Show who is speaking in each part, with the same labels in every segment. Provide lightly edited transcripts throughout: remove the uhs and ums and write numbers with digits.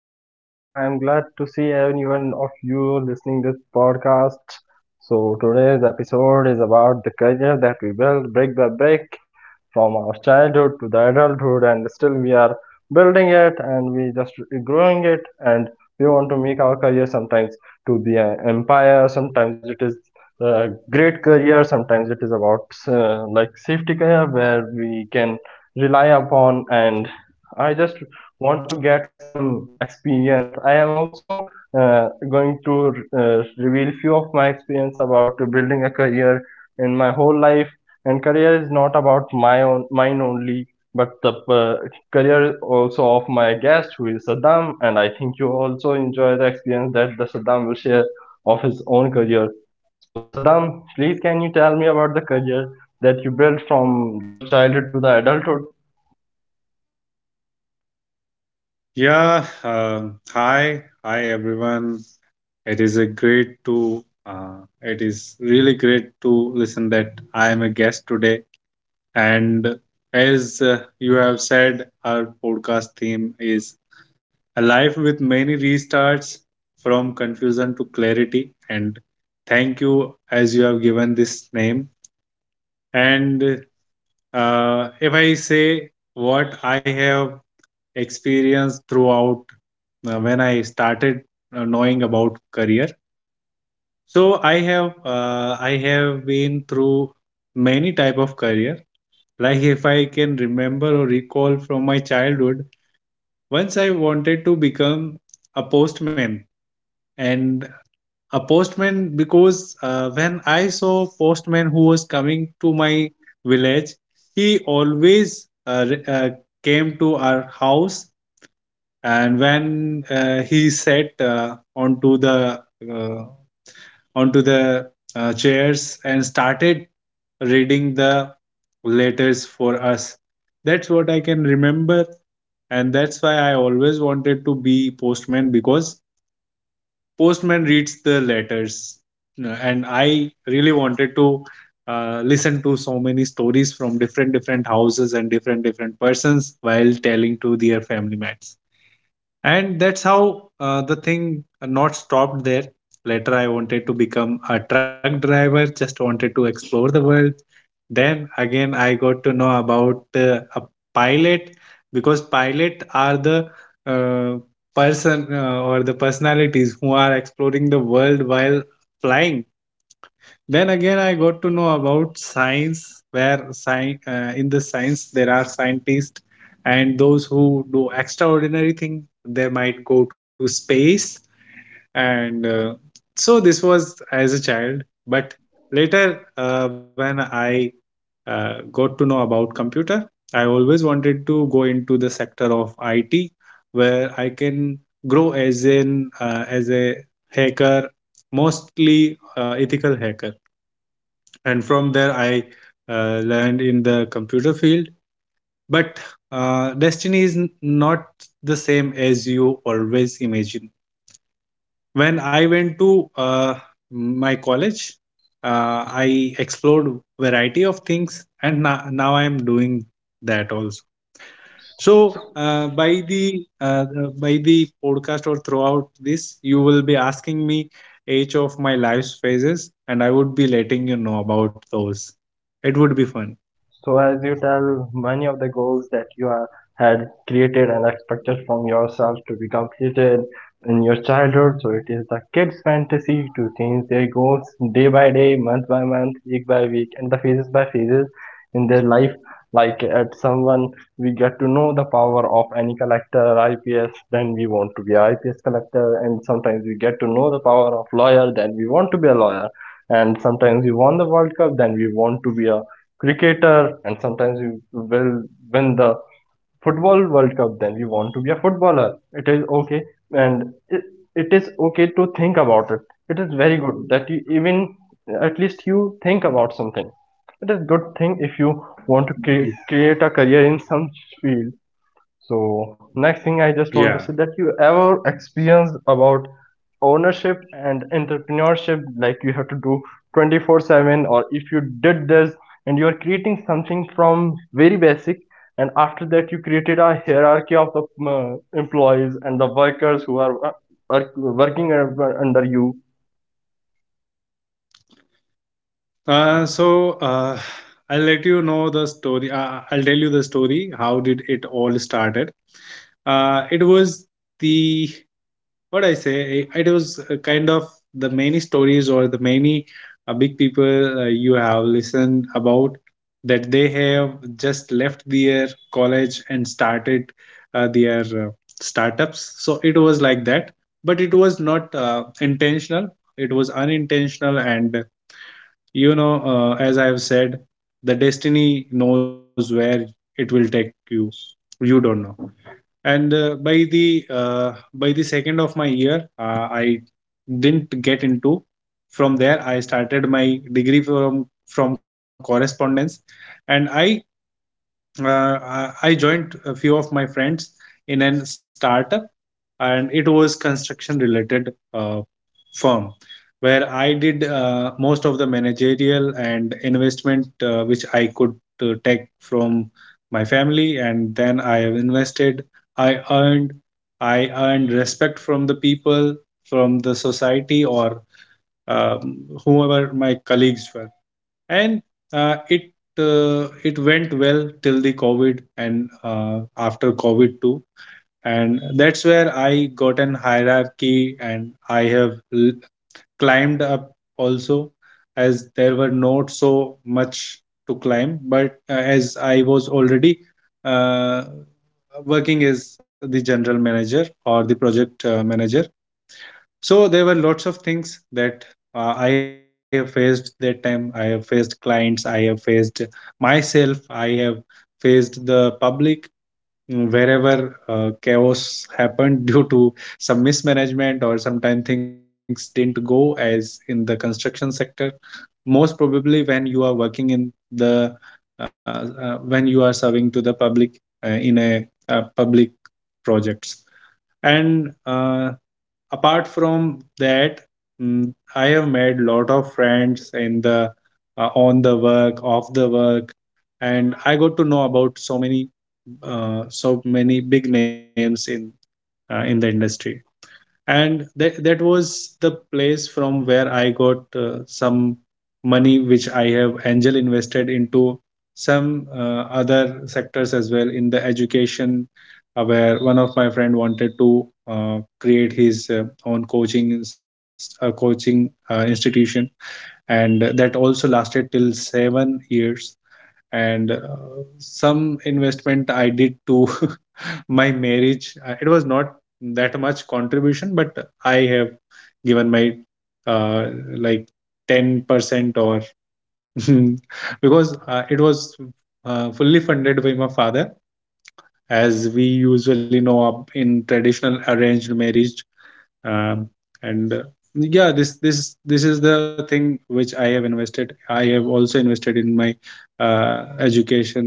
Speaker 1: Hello everyone, I am glad to see anyone of you listening this podcast. So today's episode is about the career that we build, brick by brick from our childhood to the adulthood, and still we are building it and we just growing it. And we want to make our career sometimes to be an empire, sometimes it is a great career, sometimes it is about like safety career where we can rely upon. And I just want to get some experience. I am also going to reveal few of my experience about building a career in my whole life. And career is not about my own, mine only, but the career also of my guest who is Saddam. And I think you also enjoy the experience that the Saddam will share of his own career. So Saddam, please can you tell me about the career that you built from your childhood to the adulthood?
Speaker 2: Yeah, hi everyone. It is a great to it is really great to listen that I am a guest today. And as you have said, our podcast theme is a life with many restarts from confusion to clarity. And thank you as you have given this name. And if I say what I have experience throughout when I started knowing about career. So I have been through many type of career. Like if I can remember or recall from my childhood, once I wanted to become a postman and a postman because when I saw postman who was coming to my village, he always came to our house and when he sat uh, onto the chairs and started reading the letters for us. That's what I can remember, and that's why I always wanted to be postman because postman reads the letters. No, and I really wanted to listen to so many stories from different different houses and different different persons while telling to their family mates. And that's how the thing not stopped there. Later I wanted to become a truck driver, just wanted to explore the world. Then again I got to know about a pilot because pilot are the uh, person or the personalities who are exploring the world while flying. Then again I got to know about science, where in the science there are scientists and those who do extraordinary thing, they might go to space. And so this was as a child. But later when I got to know about computer, I always wanted to go into the sector of it where I can grow as an as a hacker, mostly ethical hacker. And from there I learned in the computer field. But destiny is not the same as you always imagine. When I went to uh, my college, I explored variety of things, and now I am doing that also. So
Speaker 1: So
Speaker 2: uh, by the uh, by the podcast or throughout this, you will be asking me each of my life's phases and I would be letting you know about those. It would be fun.
Speaker 1: So, as you tell, many of the goals that you are, had created and expected from yourself to be completed in your childhood. So, it is the kids' fantasy to change their goals day by day, month by month, week by week, and the phases by phases in their life. Like at someone, we get to know the power of any collector, IPS, then we want to be a IPS collector, and sometimes we get to know the power of lawyer, then we want to be a lawyer. And sometimes we won the World Cup, then we want to be a cricketer. And sometimes you will win the football world cup, then you want to be a footballer. It is okay, and it is okay to think about it. It is very good that you even at least you think about something. It is good thing if you want to
Speaker 2: Mm.
Speaker 1: create a career in some field. So next thing I just want to
Speaker 2: Yeah.
Speaker 1: say that you ever experienced about ownership and entrepreneurship, like you have to do 24/7, or if you did this and you are creating something from very basic, and after that you created a hierarchy of the employees and the workers who are working under you.
Speaker 2: Uh, so uh, I'll let you know the story. I'll tell you the story. How did it all started? It was the, what I say. It was kind of the many stories or the many big people you have listened about, that they have just left their college and started their startups. So it was like that, but it was not intentional. It was unintentional. And you know, as I have said, the destiny knows where it will take you. You don't know. And by the second of my year, I didn't get into. From there, I started my degree from correspondence, and uh, I joined a few of my friends in an startup, and it was construction related firm where I did most of the managerial and investment which I could take from my family, and then I have invested. I earned, I earned respect from the people, from the society, or whoever colleagues were, and uh, it it went well till the COVID, and after COVID too. And that's where I got an hierarchy and I have climbed up also, as there were not so much to climb. But as I was already uh, working as the general manager or the project manager, so there were lots of things that I have faced that time. I have faced clients, I have faced myself, I have faced the public wherever chaos happened due to some mismanagement, or sometimes things didn't go as in the construction sector, most probably when you are working in the when you are serving to the public in a public projects. And apart from that, mm, I have made lot of friends in the on the work off the work. And I got to know about so many so many big names in the industry. And that was the place from where I got some money which I have angel invested into some other sectors as well, in the education where one of my friend wanted to create his own coaching coaching institution, and that also lasted till 7 years. And some investment I did to my marriage. It was not that much contribution, but I have given my uh, like 10% or because it was fully funded by my father, as we usually know up in traditional arranged marriage. Um, and yeah, this is the thing which I have invested. I have also invested in my education,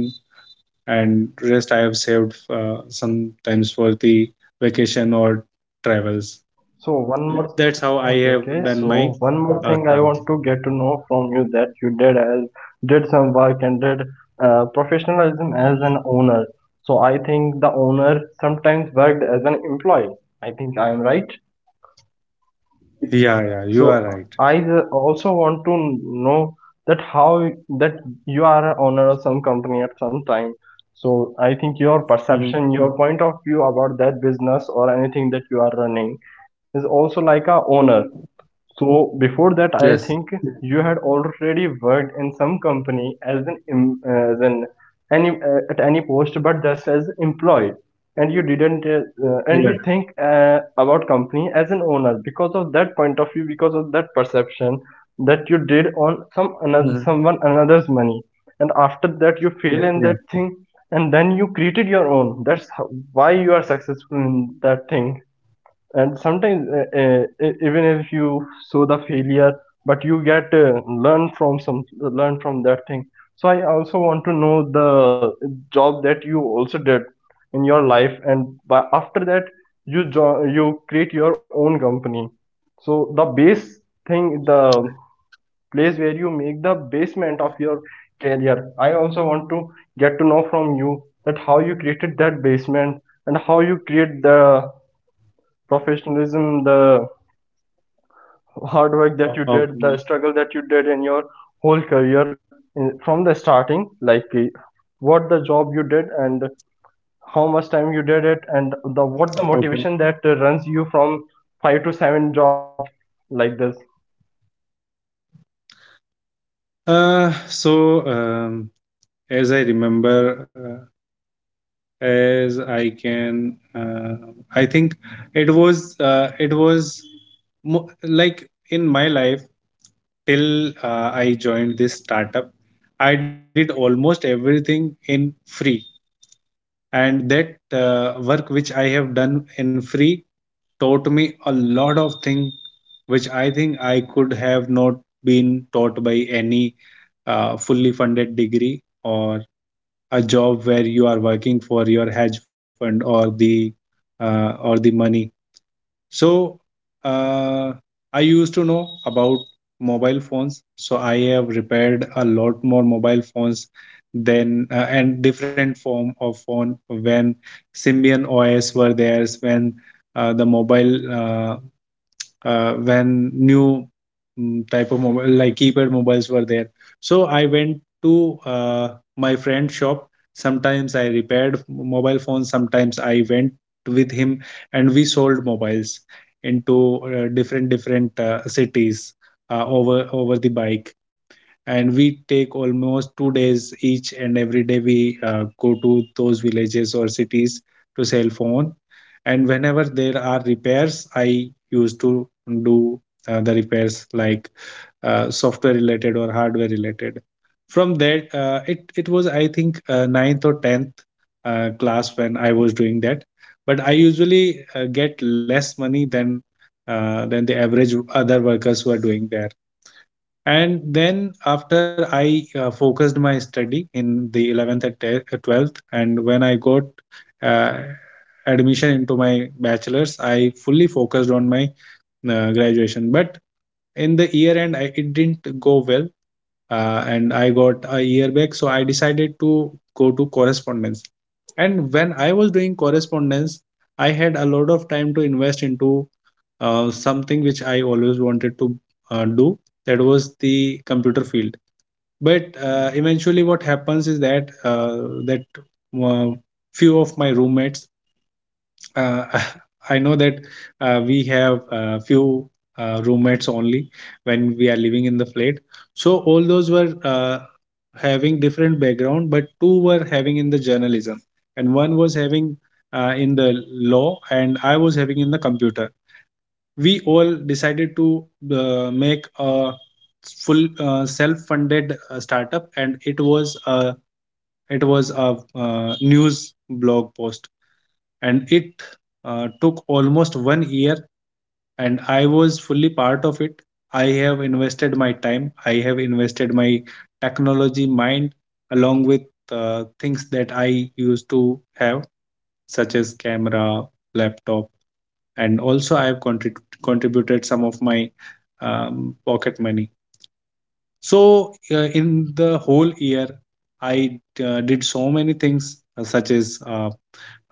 Speaker 2: and rest I have saved sometimes for the vacation or travels.
Speaker 1: So one more,
Speaker 2: That's
Speaker 1: yes,
Speaker 2: how I
Speaker 1: okay, okay.
Speaker 2: have done
Speaker 1: So
Speaker 2: my
Speaker 1: one more thing I
Speaker 2: start.
Speaker 1: want to get to know from you, that you did as did some work and did professionalism as an owner. So I think the owner sometimes worked as an employee. I think I am right.
Speaker 2: Yeah, yeah, you
Speaker 1: So
Speaker 2: are right.
Speaker 1: I also want to know that how that you are an owner of some company at some time. So I think your perception,
Speaker 2: Mhm.
Speaker 1: your point of view about that business or anything that you are running is also like a owner. So before that, I think
Speaker 2: Yes,
Speaker 1: you had already worked in some company as an as an any at any post, but just as employee, and you didn't and you
Speaker 2: yes.
Speaker 1: think about company as an owner because of that point of view, because of that perception that you did on some another
Speaker 2: Mhm.
Speaker 1: someone another's money, and after that you fail in
Speaker 2: Yeah.
Speaker 1: that thing, and then you created your own. That's how, why you are successful in that thing. And sometimes even if you saw the failure, but you get learn from that thing. So I also want to know the job that you also did in your life, and by, after that you you create your own company. So the base thing, the place where you make the basement of your career, I also want to get to know from you that how you created that basement, and how you create the professionalism, the hard work that you did, the
Speaker 2: Okay,
Speaker 1: struggle that you did in your whole career in, from the starting, like what the job you did and how much time you did it, and the what the
Speaker 2: okay.
Speaker 1: motivation that runs you from five to seven job like this.
Speaker 2: Uh, so um, as I remember, uh, as I can, uh, I think it was like in my life till I joined this startup, I did almost everything in free. And that work which I have done in free taught me a lot of things which I think I could have not been taught by any fully funded degree or a job where you are working for your hedge fund or the money. So uh, I used to know about mobile phones. So I have repaired a lot more mobile phones than and different form of phone when Symbian OS were there, when the mobile when new mm, type of mobile like keypad mobiles were there. So I went to my friend's shop. Sometimes I repaired mobile phones, sometimes I went with him, and we sold mobiles into different different cities, over the bike. And we take almost 2 days, each and every day we go to those villages or cities to sell phone. And whenever there are repairs, I used to do the repairs, like software related or hardware related. From that, it was I think ninth or 10th class when I was doing that. But I usually get less money than the average other workers who are doing there. And then after I focused my study in the 11th and 12th, and when I got uh, admission into my bachelor's, I fully focused on my graduation. But in the year end it didn't go well, and I got a year back. So I decided to go to correspondence. And when I was doing correspondence, I had a lot of time to invest into something which I always wanted to do. That was the computer field. But eventually, what happens is that that uh, few of my roommates, uh, I know that we have few roommates only when we are living in the flat. So all those were having different background, but two were having in the journalism, and one was having in the law, and I was having in the computer. We all decided to make a full self-funded startup, and it was a news blog post. And it took almost one year, and I was fully part of it. I have invested my time, I have invested my technology mind, along with things that I used to have, such as camera, laptop. And also I have contributed some of my pocket money. So in the whole year, I did so many things, uh, such as uh,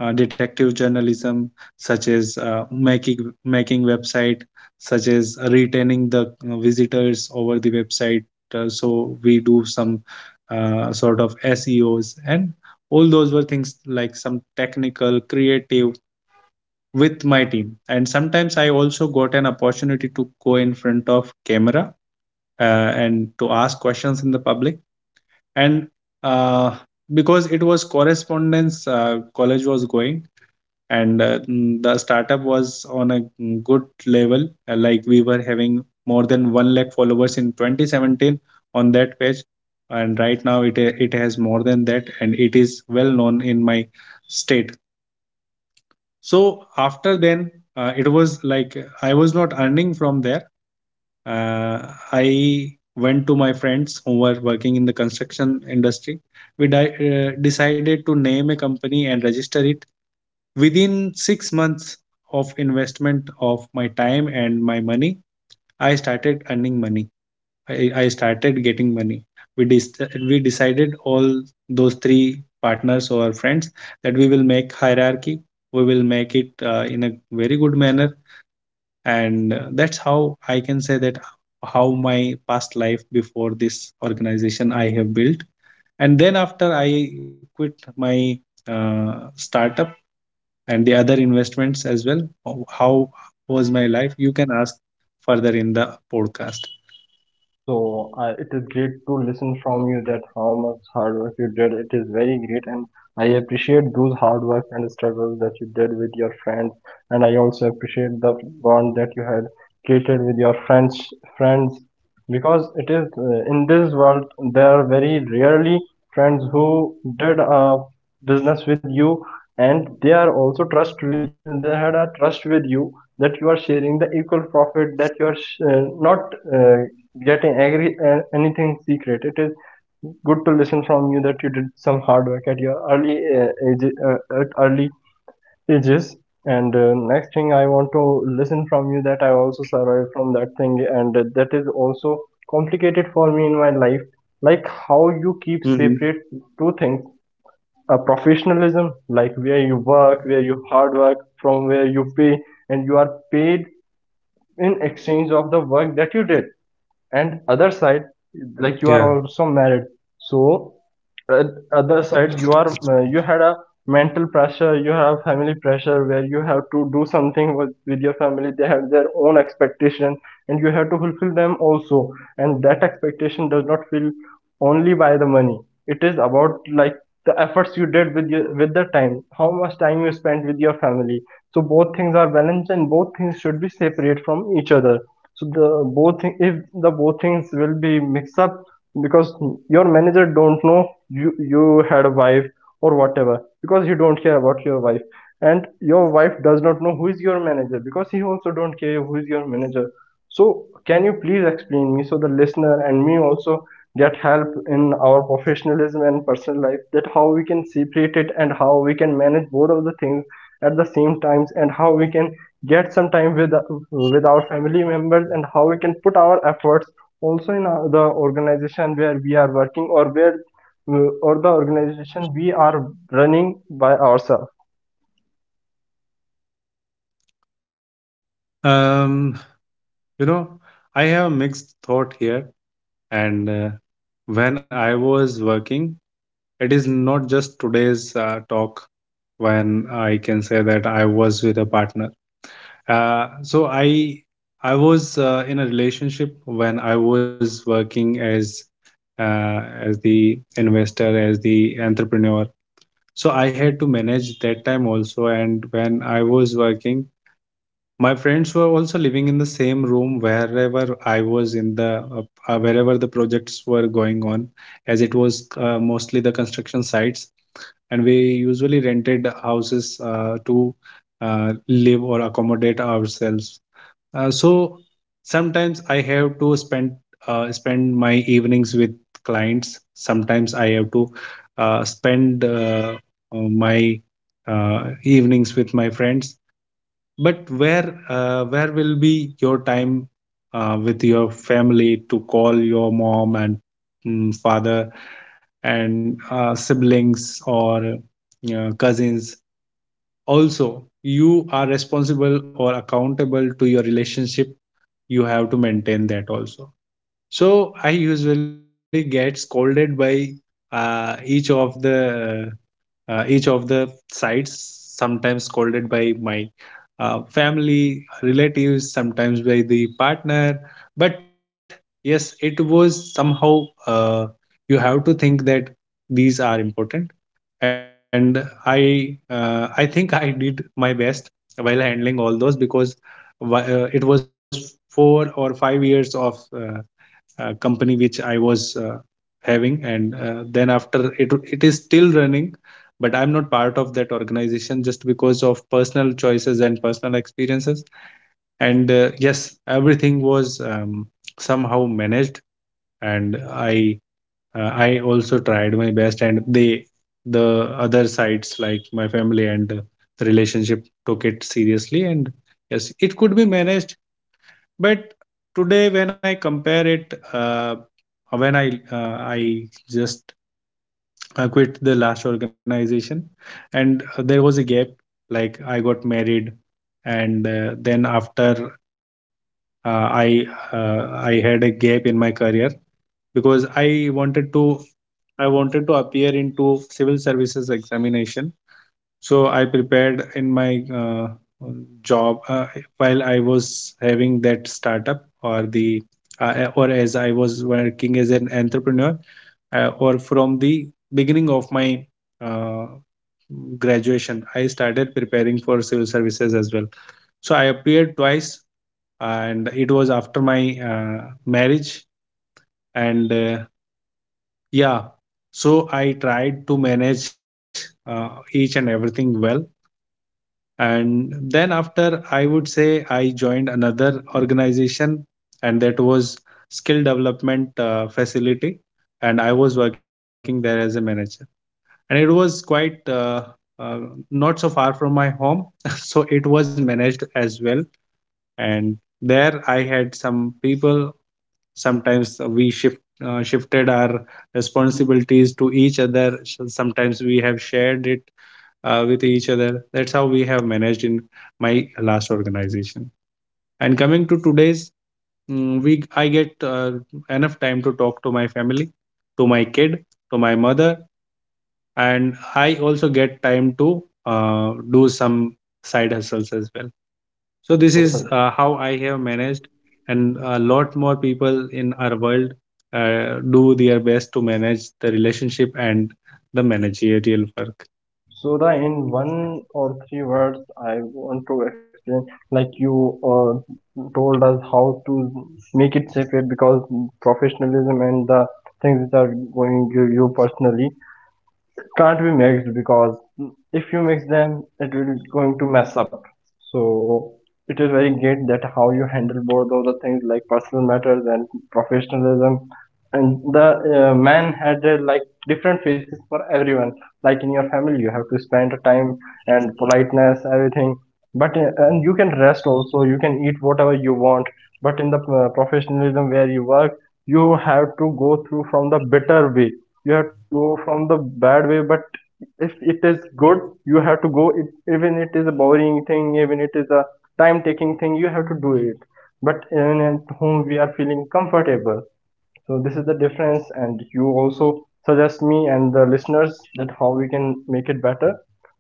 Speaker 2: uh, detective journalism, such as making website, such as retaining the visitors over the website. So we do some sort of SEOs, and all those were things like some technical, creative with my team. And sometimes I also got an opportunity to go in of camera and to ask questions in the public. And uh, because it was correspondence, college was going, and the startup was on a good level, like we were having more than 1 lakh followers in 2017 on that page, and right now it has more than that, and it is well known in my state. So after then, it was like I was not earning from there. Uh, i went to my friends who were working in the construction industry. We decided to name a company and register it. Within 6 months of investment of my time and my money, I started earning money. I started getting money. We decided, all those three partners or friends, that we will make hierarchy. We will make it in a very good manner, and that's how I can say that how my past life before this organization I have built. And then after, I quit my startup and the other investments as well. How was my life? You can ask further in the podcast.
Speaker 1: So it is great to listen from you that how much hard work you did. It is very great, and I appreciate those hard work and struggle that you did with your friends. And I also appreciate the bond that you had created with your friends, because it is in this world there are very rarely friends who did a business with you, and they had a trust with you, that you are sharing the equal profit, that you are not. Getting angry, anything secret. It is good to listen from you that you did some hard work at your early age, at early ages. And next thing I want to listen from you, that I also survived from that thing, and that is also complicated for me in my life. Like how you keep separate
Speaker 2: Hmm.
Speaker 1: two things: a professionalism, like where you work, where you hard work, from where you pay, and you are paid in exchange of the work that you did. And other side, like
Speaker 2: Yeah.
Speaker 1: you are also married. So uh, other side you are you had a mental pressure, you have family pressure, where you have to do something with your family. They have their own expectation, and you have to fulfill them also. And that expectation does not feel only by the money. It is about like the efforts you did with your with the time, how much time you spent with your family. So both things are balanced and both things should be separate from each other. So the both thing, if the both things will be mixed up, because your manager don't know you you had a wife or whatever, because you don't care about your wife, and your wife does not know who is your manager, because he also don't care who is your manager. So can you please explain me, so the listener and me also get help in our professionalism and personal life, that how we can separate it and how we can manage both of the things at the same times, and how we can get some time with our family members, and how we can put our efforts also in our, the organization where we are working, or where or the organization we are running by ourselves.
Speaker 2: Um, you know, I have mixed thought here. And When I was working, it is not just today's talk, when I can say that I was with a partner. So I was in a relationship when I was working uh, as the investor, as the entrepreneur. So I had to manage that time also. And when I was working, my friends were also living in the same room wherever I was in the wherever the projects were going on, as it was mostly the construction sites. And we usually rented houses to live or accommodate ourselves. So sometimes I have to spend my evenings with clients. Sometimes I have to spend my evenings with my friends. But where will be your time with your family, to call your mom and father and siblings or cousins? Also, you are responsible or accountable to your relationship. You have to maintain that also. So I usually get scolded by uh, each of the each of the sides, sometimes scolded by my family relatives, sometimes by the partner. But yes, it was somehow, uh, you have to think that these are important, and I think I did my best while handling all those, because it was 4 or 5 years of company which I was having, and then after, it is still running, but I'm not part of that organization just because of personal choices and personal experiences. And yes, everything was somehow managed. And i uh, I also tried my best, and they, the other sides like my family and the relationship, took it seriously. And yes, it could be managed. But today, when I compare it, when I just quit the last organization, and there was a gap. Like I got married, and then after, uh, I I had a gap in my career, because I wanted to, I wanted to appear into civil services examination. So I prepared in my job, while I was having that startup or the or as I was working as an entrepreneur, or from the beginning of my uh, graduation, I started preparing for civil services as well. So I appeared twice, and it was after my marriage. And yeah. So I tried to manage each and everything well. And then after, I would say I joined another organization, and that was skill development facility. And I was working there as a manager. And it was quite uh, not so far from my home. So it was managed as well. And there I had some people. Sometimes we shifted our responsibilities to each other. So sometimes we have shared it with each other. That's how we have managed in my last organization. And coming to today's, mm, we I get enough time to talk to my family, to my kid, to my mother, and I also get time to do some side hustles as well. So
Speaker 1: so
Speaker 2: this
Speaker 1: so
Speaker 2: is how I have managed, and a lot more people in our world do their best to manage the relationship and the managerial work.
Speaker 1: so the in one or three words I want to explain, like you uh, told us how to make it safer, because professionalism and the things which are going to you personally can't be mixed, because if you mix them it will going to mess up. So it is very great that how you handle both of the things like personal matters and professionalism. And the man had like different faces for everyone. Like in your family you have to spend time and politeness everything, but and you can rest also, you can eat whatever you want. But in the professionalism where you work, you have to go through from the bitter way. You have to go from the bad way, but if it is good, you have to go it, even it is a boring thing, even it is a time taking thing, you have to do it. But in at home we are feeling comfortable. So this is the difference, and you also suggest me and the listeners that how we can make it better.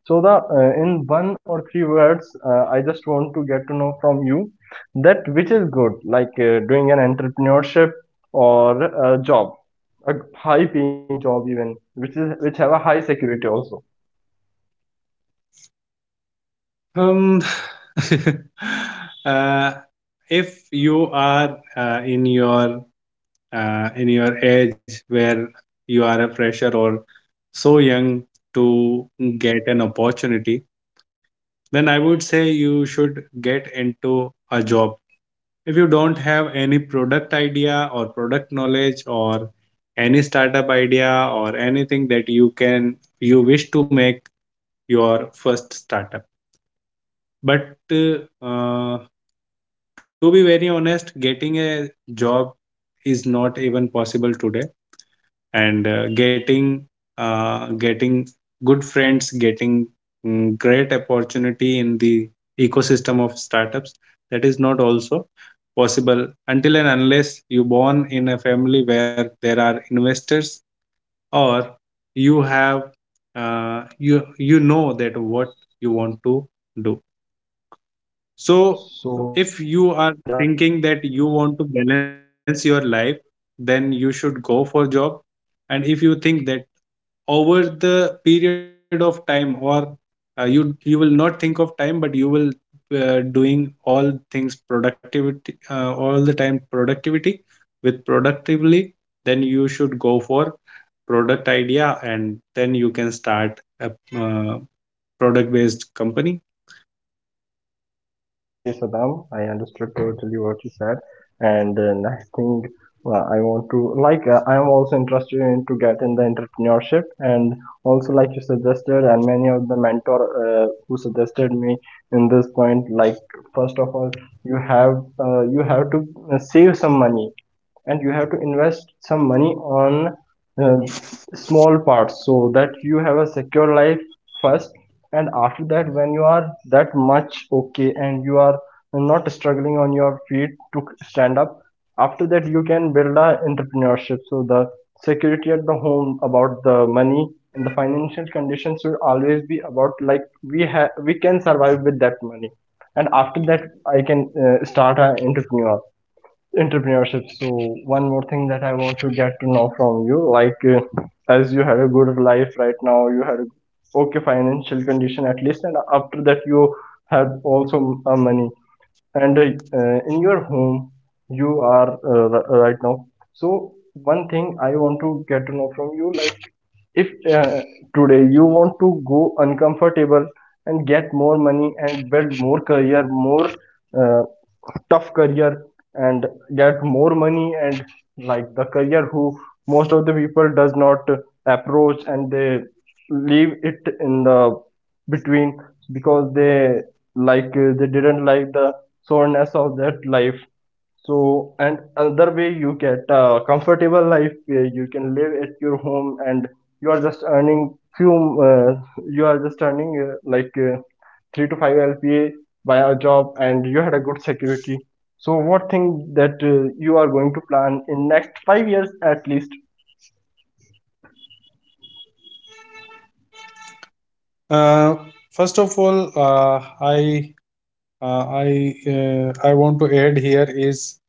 Speaker 1: So the in one or three words I just want to get to know from you that which is good, like doing an entrepreneurship, or a job, a high paying job even which is which have a high security also.
Speaker 2: Um, uh, if you are in your age where you are a fresher or so young to get an opportunity, then I would say you should get into a job if you don't have any product idea or product knowledge or any startup idea or anything that you can, you wish to make your first startup. But uh, to be very honest, getting a job is not even possible today. And getting good friends, getting great opportunity in the ecosystem of startups, that is not also possible until and unless you born in a family where there are investors, or you have, you you know that what you want to do. So
Speaker 1: So
Speaker 2: if you
Speaker 1: so
Speaker 2: are
Speaker 1: yeah
Speaker 2: thinking that you want to balance your life, then you should go for job. And if you think that over the period of time, or you will not think of time, but you will doing all things productivity, all the time productivity, with productively, then you should go for product idea, and then you can start a uh, product based company.
Speaker 1: Okay, Saddam, I understood totally what you said, and next thing I want to like I am also interested in to get in the entrepreneurship, and also like you suggested, and many of the mentor who suggested me in this point, like first of all, you have to save some money, and you have to invest some money on uh, small parts, so that you have a secure life first. And after that when you are that much okay, and you are not struggling on your feet to stand up, after that you can build a entrepreneurship. So the security at the home about the money and the financial conditions will always be about like we have we can survive with that money. And after that, I can start an entrepreneurship. So one more thing that I want to get to know from you, like as you had a good life right now, you had a okay financial condition at least, and after that you have also money, and in your home you are right now. So one thing I want to get to know from you, like if uh, today you want to go uncomfortable and get more money and build more career, more uh, tough career, and get more money, and like the career who most of the people does not approach and they leave it in the between, because they like they didn't like the soreness of that life. So, and another way you get a comfortable life where you can live at your home and you are just earning few, uh, you are just earning like 3 to 5 LPA by a job, and you had a good security. So, what thing that you are going to plan in next 5 years at least?
Speaker 2: Uh, First of all, I want to add here is,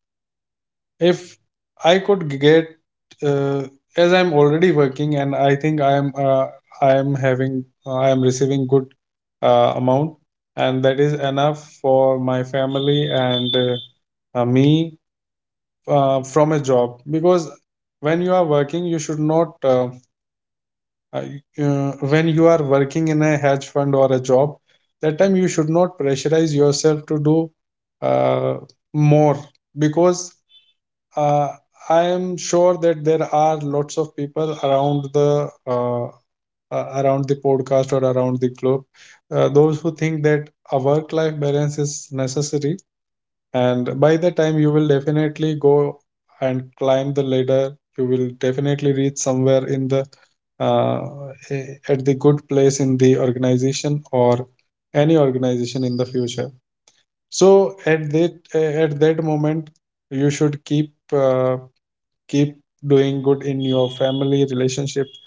Speaker 2: if I could get, uh, as I'm already working and I think I am receiving good amount, and that is enough for my family and me, from a job, because when you are working, you should not uh, when you are working in a hedge fund or a job, that time you should not pressurize yourself to do uh, more, because uh, I am sure that there are lots of people uh, around the podcast or around the globe, those who think that a work life balance is necessary, and by the time you will definitely go and climb the ladder, you will definitely reach somewhere in the uh, at the good place in the organization, or any organization in the future. So at that, at that moment, you should keep doing good in your family relationship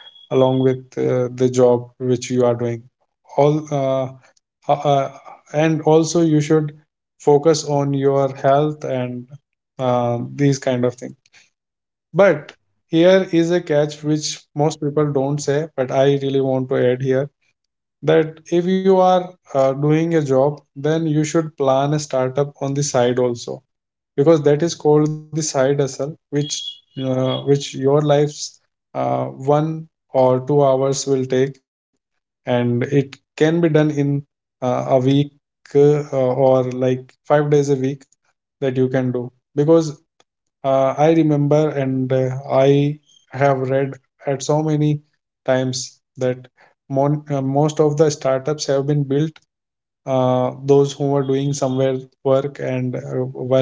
Speaker 2: along with the job which you are doing. All uh, uh, uh, and also you should focus on your health and these kind of things. But here is a catch which most people don't say, but I really want to add here, that if you are doing a job, then you should plan a startup on the side also, because that is called the side hustle, which your life's 1 or 2 hours will take, and it can be done in a week, or like 5 days a week, that you can do. Because I remember and I have read at so many times that most of the startups have been built, those who were doing somewhere work, and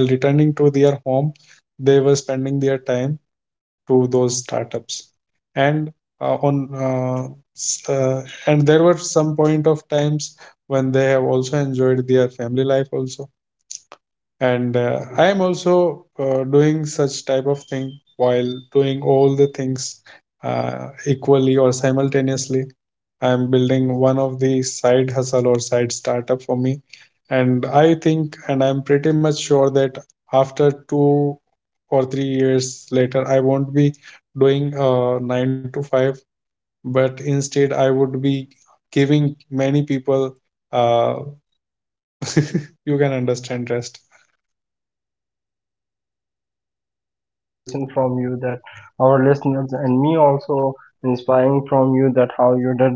Speaker 2: while returning to their home, they were spending their time to those startups. And uh, on uh, s- uh, and there were some point of times when they have also enjoyed their family life also. And I am also doing such type of thing. While doing all the things equally or simultaneously, I am building one of the side hustle or side startup for me, and I think, and I'm pretty much sure that after 2 or 3 years later, I won't be doing 9 to 5, but instead I would be giving many people, uh, you can understand rest.
Speaker 1: So it is great to listen from you that our listeners and me also inspiring from you that how you did,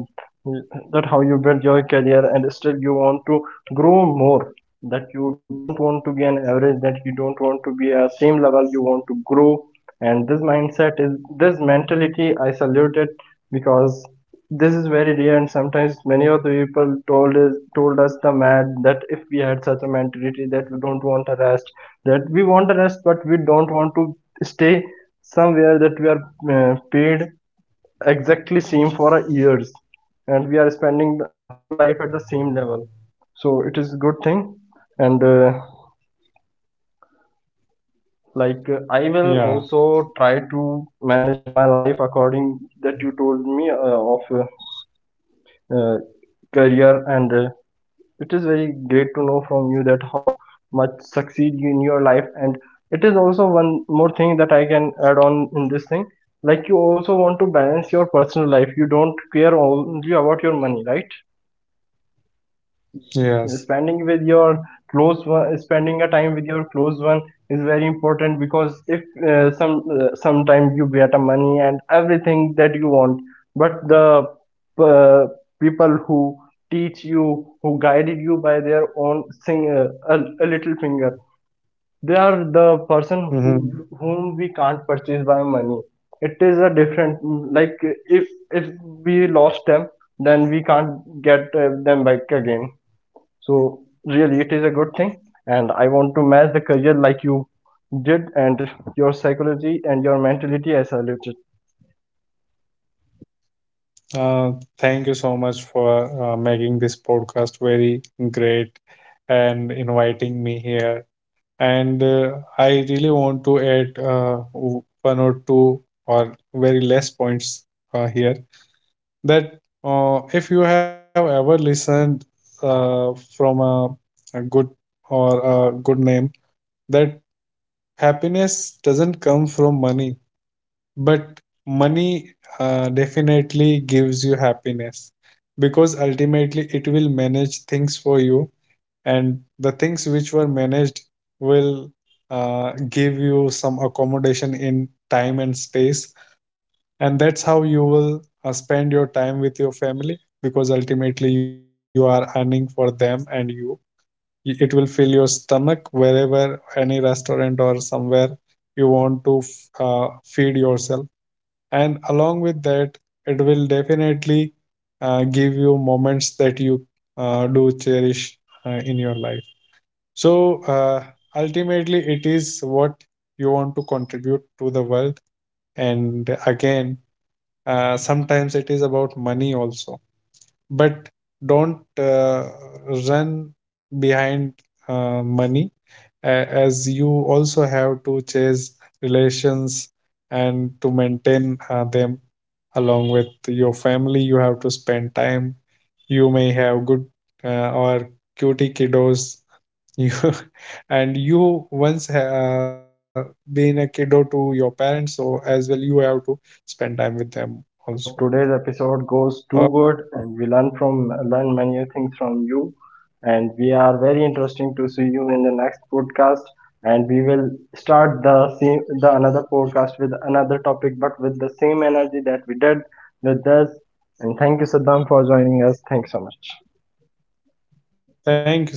Speaker 1: that how you built your career, and still you want to grow more, that you don't want to be an average, that you don't want to be a same level, you want to grow. And this mindset is this mentality I salute it, because this is very rare. And sometimes many of the people told us the mad that if we had such a mentality that we don't want a rest, that we want the rest but we don't want to stay somewhere, that we are paid exactly same for a years, and we are spending the whole life at the same level. So it is a good thing. And like I will
Speaker 2: Yeah.
Speaker 1: also try to manage my life according that you told me of uh, career and it is very great to know from you that how much succeed you in your life. And it is also one more thing that I can add on in this thing. Like you also want to balance your personal life. You don't care only about your money, right?
Speaker 2: Yes.
Speaker 1: Spending with your close one, spending a time with your close one is very important, because if some sometimes you get a money and everything that you want, but the uh, people who teach you, who guided you by their own sing, a little finger, they are the person who
Speaker 2: Mm-hmm.
Speaker 1: whom we can't purchase by money. It is a different, like if if we lost them, then we can't get them back again. So really, it is a good thing, and I want to match the career like you did, and your psychology and your mentality. I salute it.
Speaker 2: Uh, Thank you so much for making this podcast very great, and inviting me here. And I really want to add, one or two, or very less points here. That if you have ever listened from a good, or a good name, that happiness doesn't come from money. But money definitely gives you happiness, because ultimately it will manage things for you, and the things which were managed will give you some accommodation in time and space, and that's how you will spend your time with your family, because ultimately you are earning for them and you. It will fill your stomach wherever, any restaurant or somewhere you want to feed yourself. And along with that, it will definitely give you moments that you do cherish in your life. So ultimately, it is what you want to contribute to the world. And again, sometimes it is about money also. But don't run behind money, as you also have to chase relations and to maintain them. Along with your family, you have to spend time. You may have good or cutie kiddos. You, and you once been a kiddo to your parents, so as well you have to spend time with them also.
Speaker 1: So today's
Speaker 2: uh,
Speaker 1: episode goes too good, and we learn many things from you, and we are very interesting to see you in the next podcast. And we will start the same the another podcast with another topic, but with the same energy that we did with this. And thank you, Saddam, for joining us. Thanks so much.
Speaker 2: Thank you.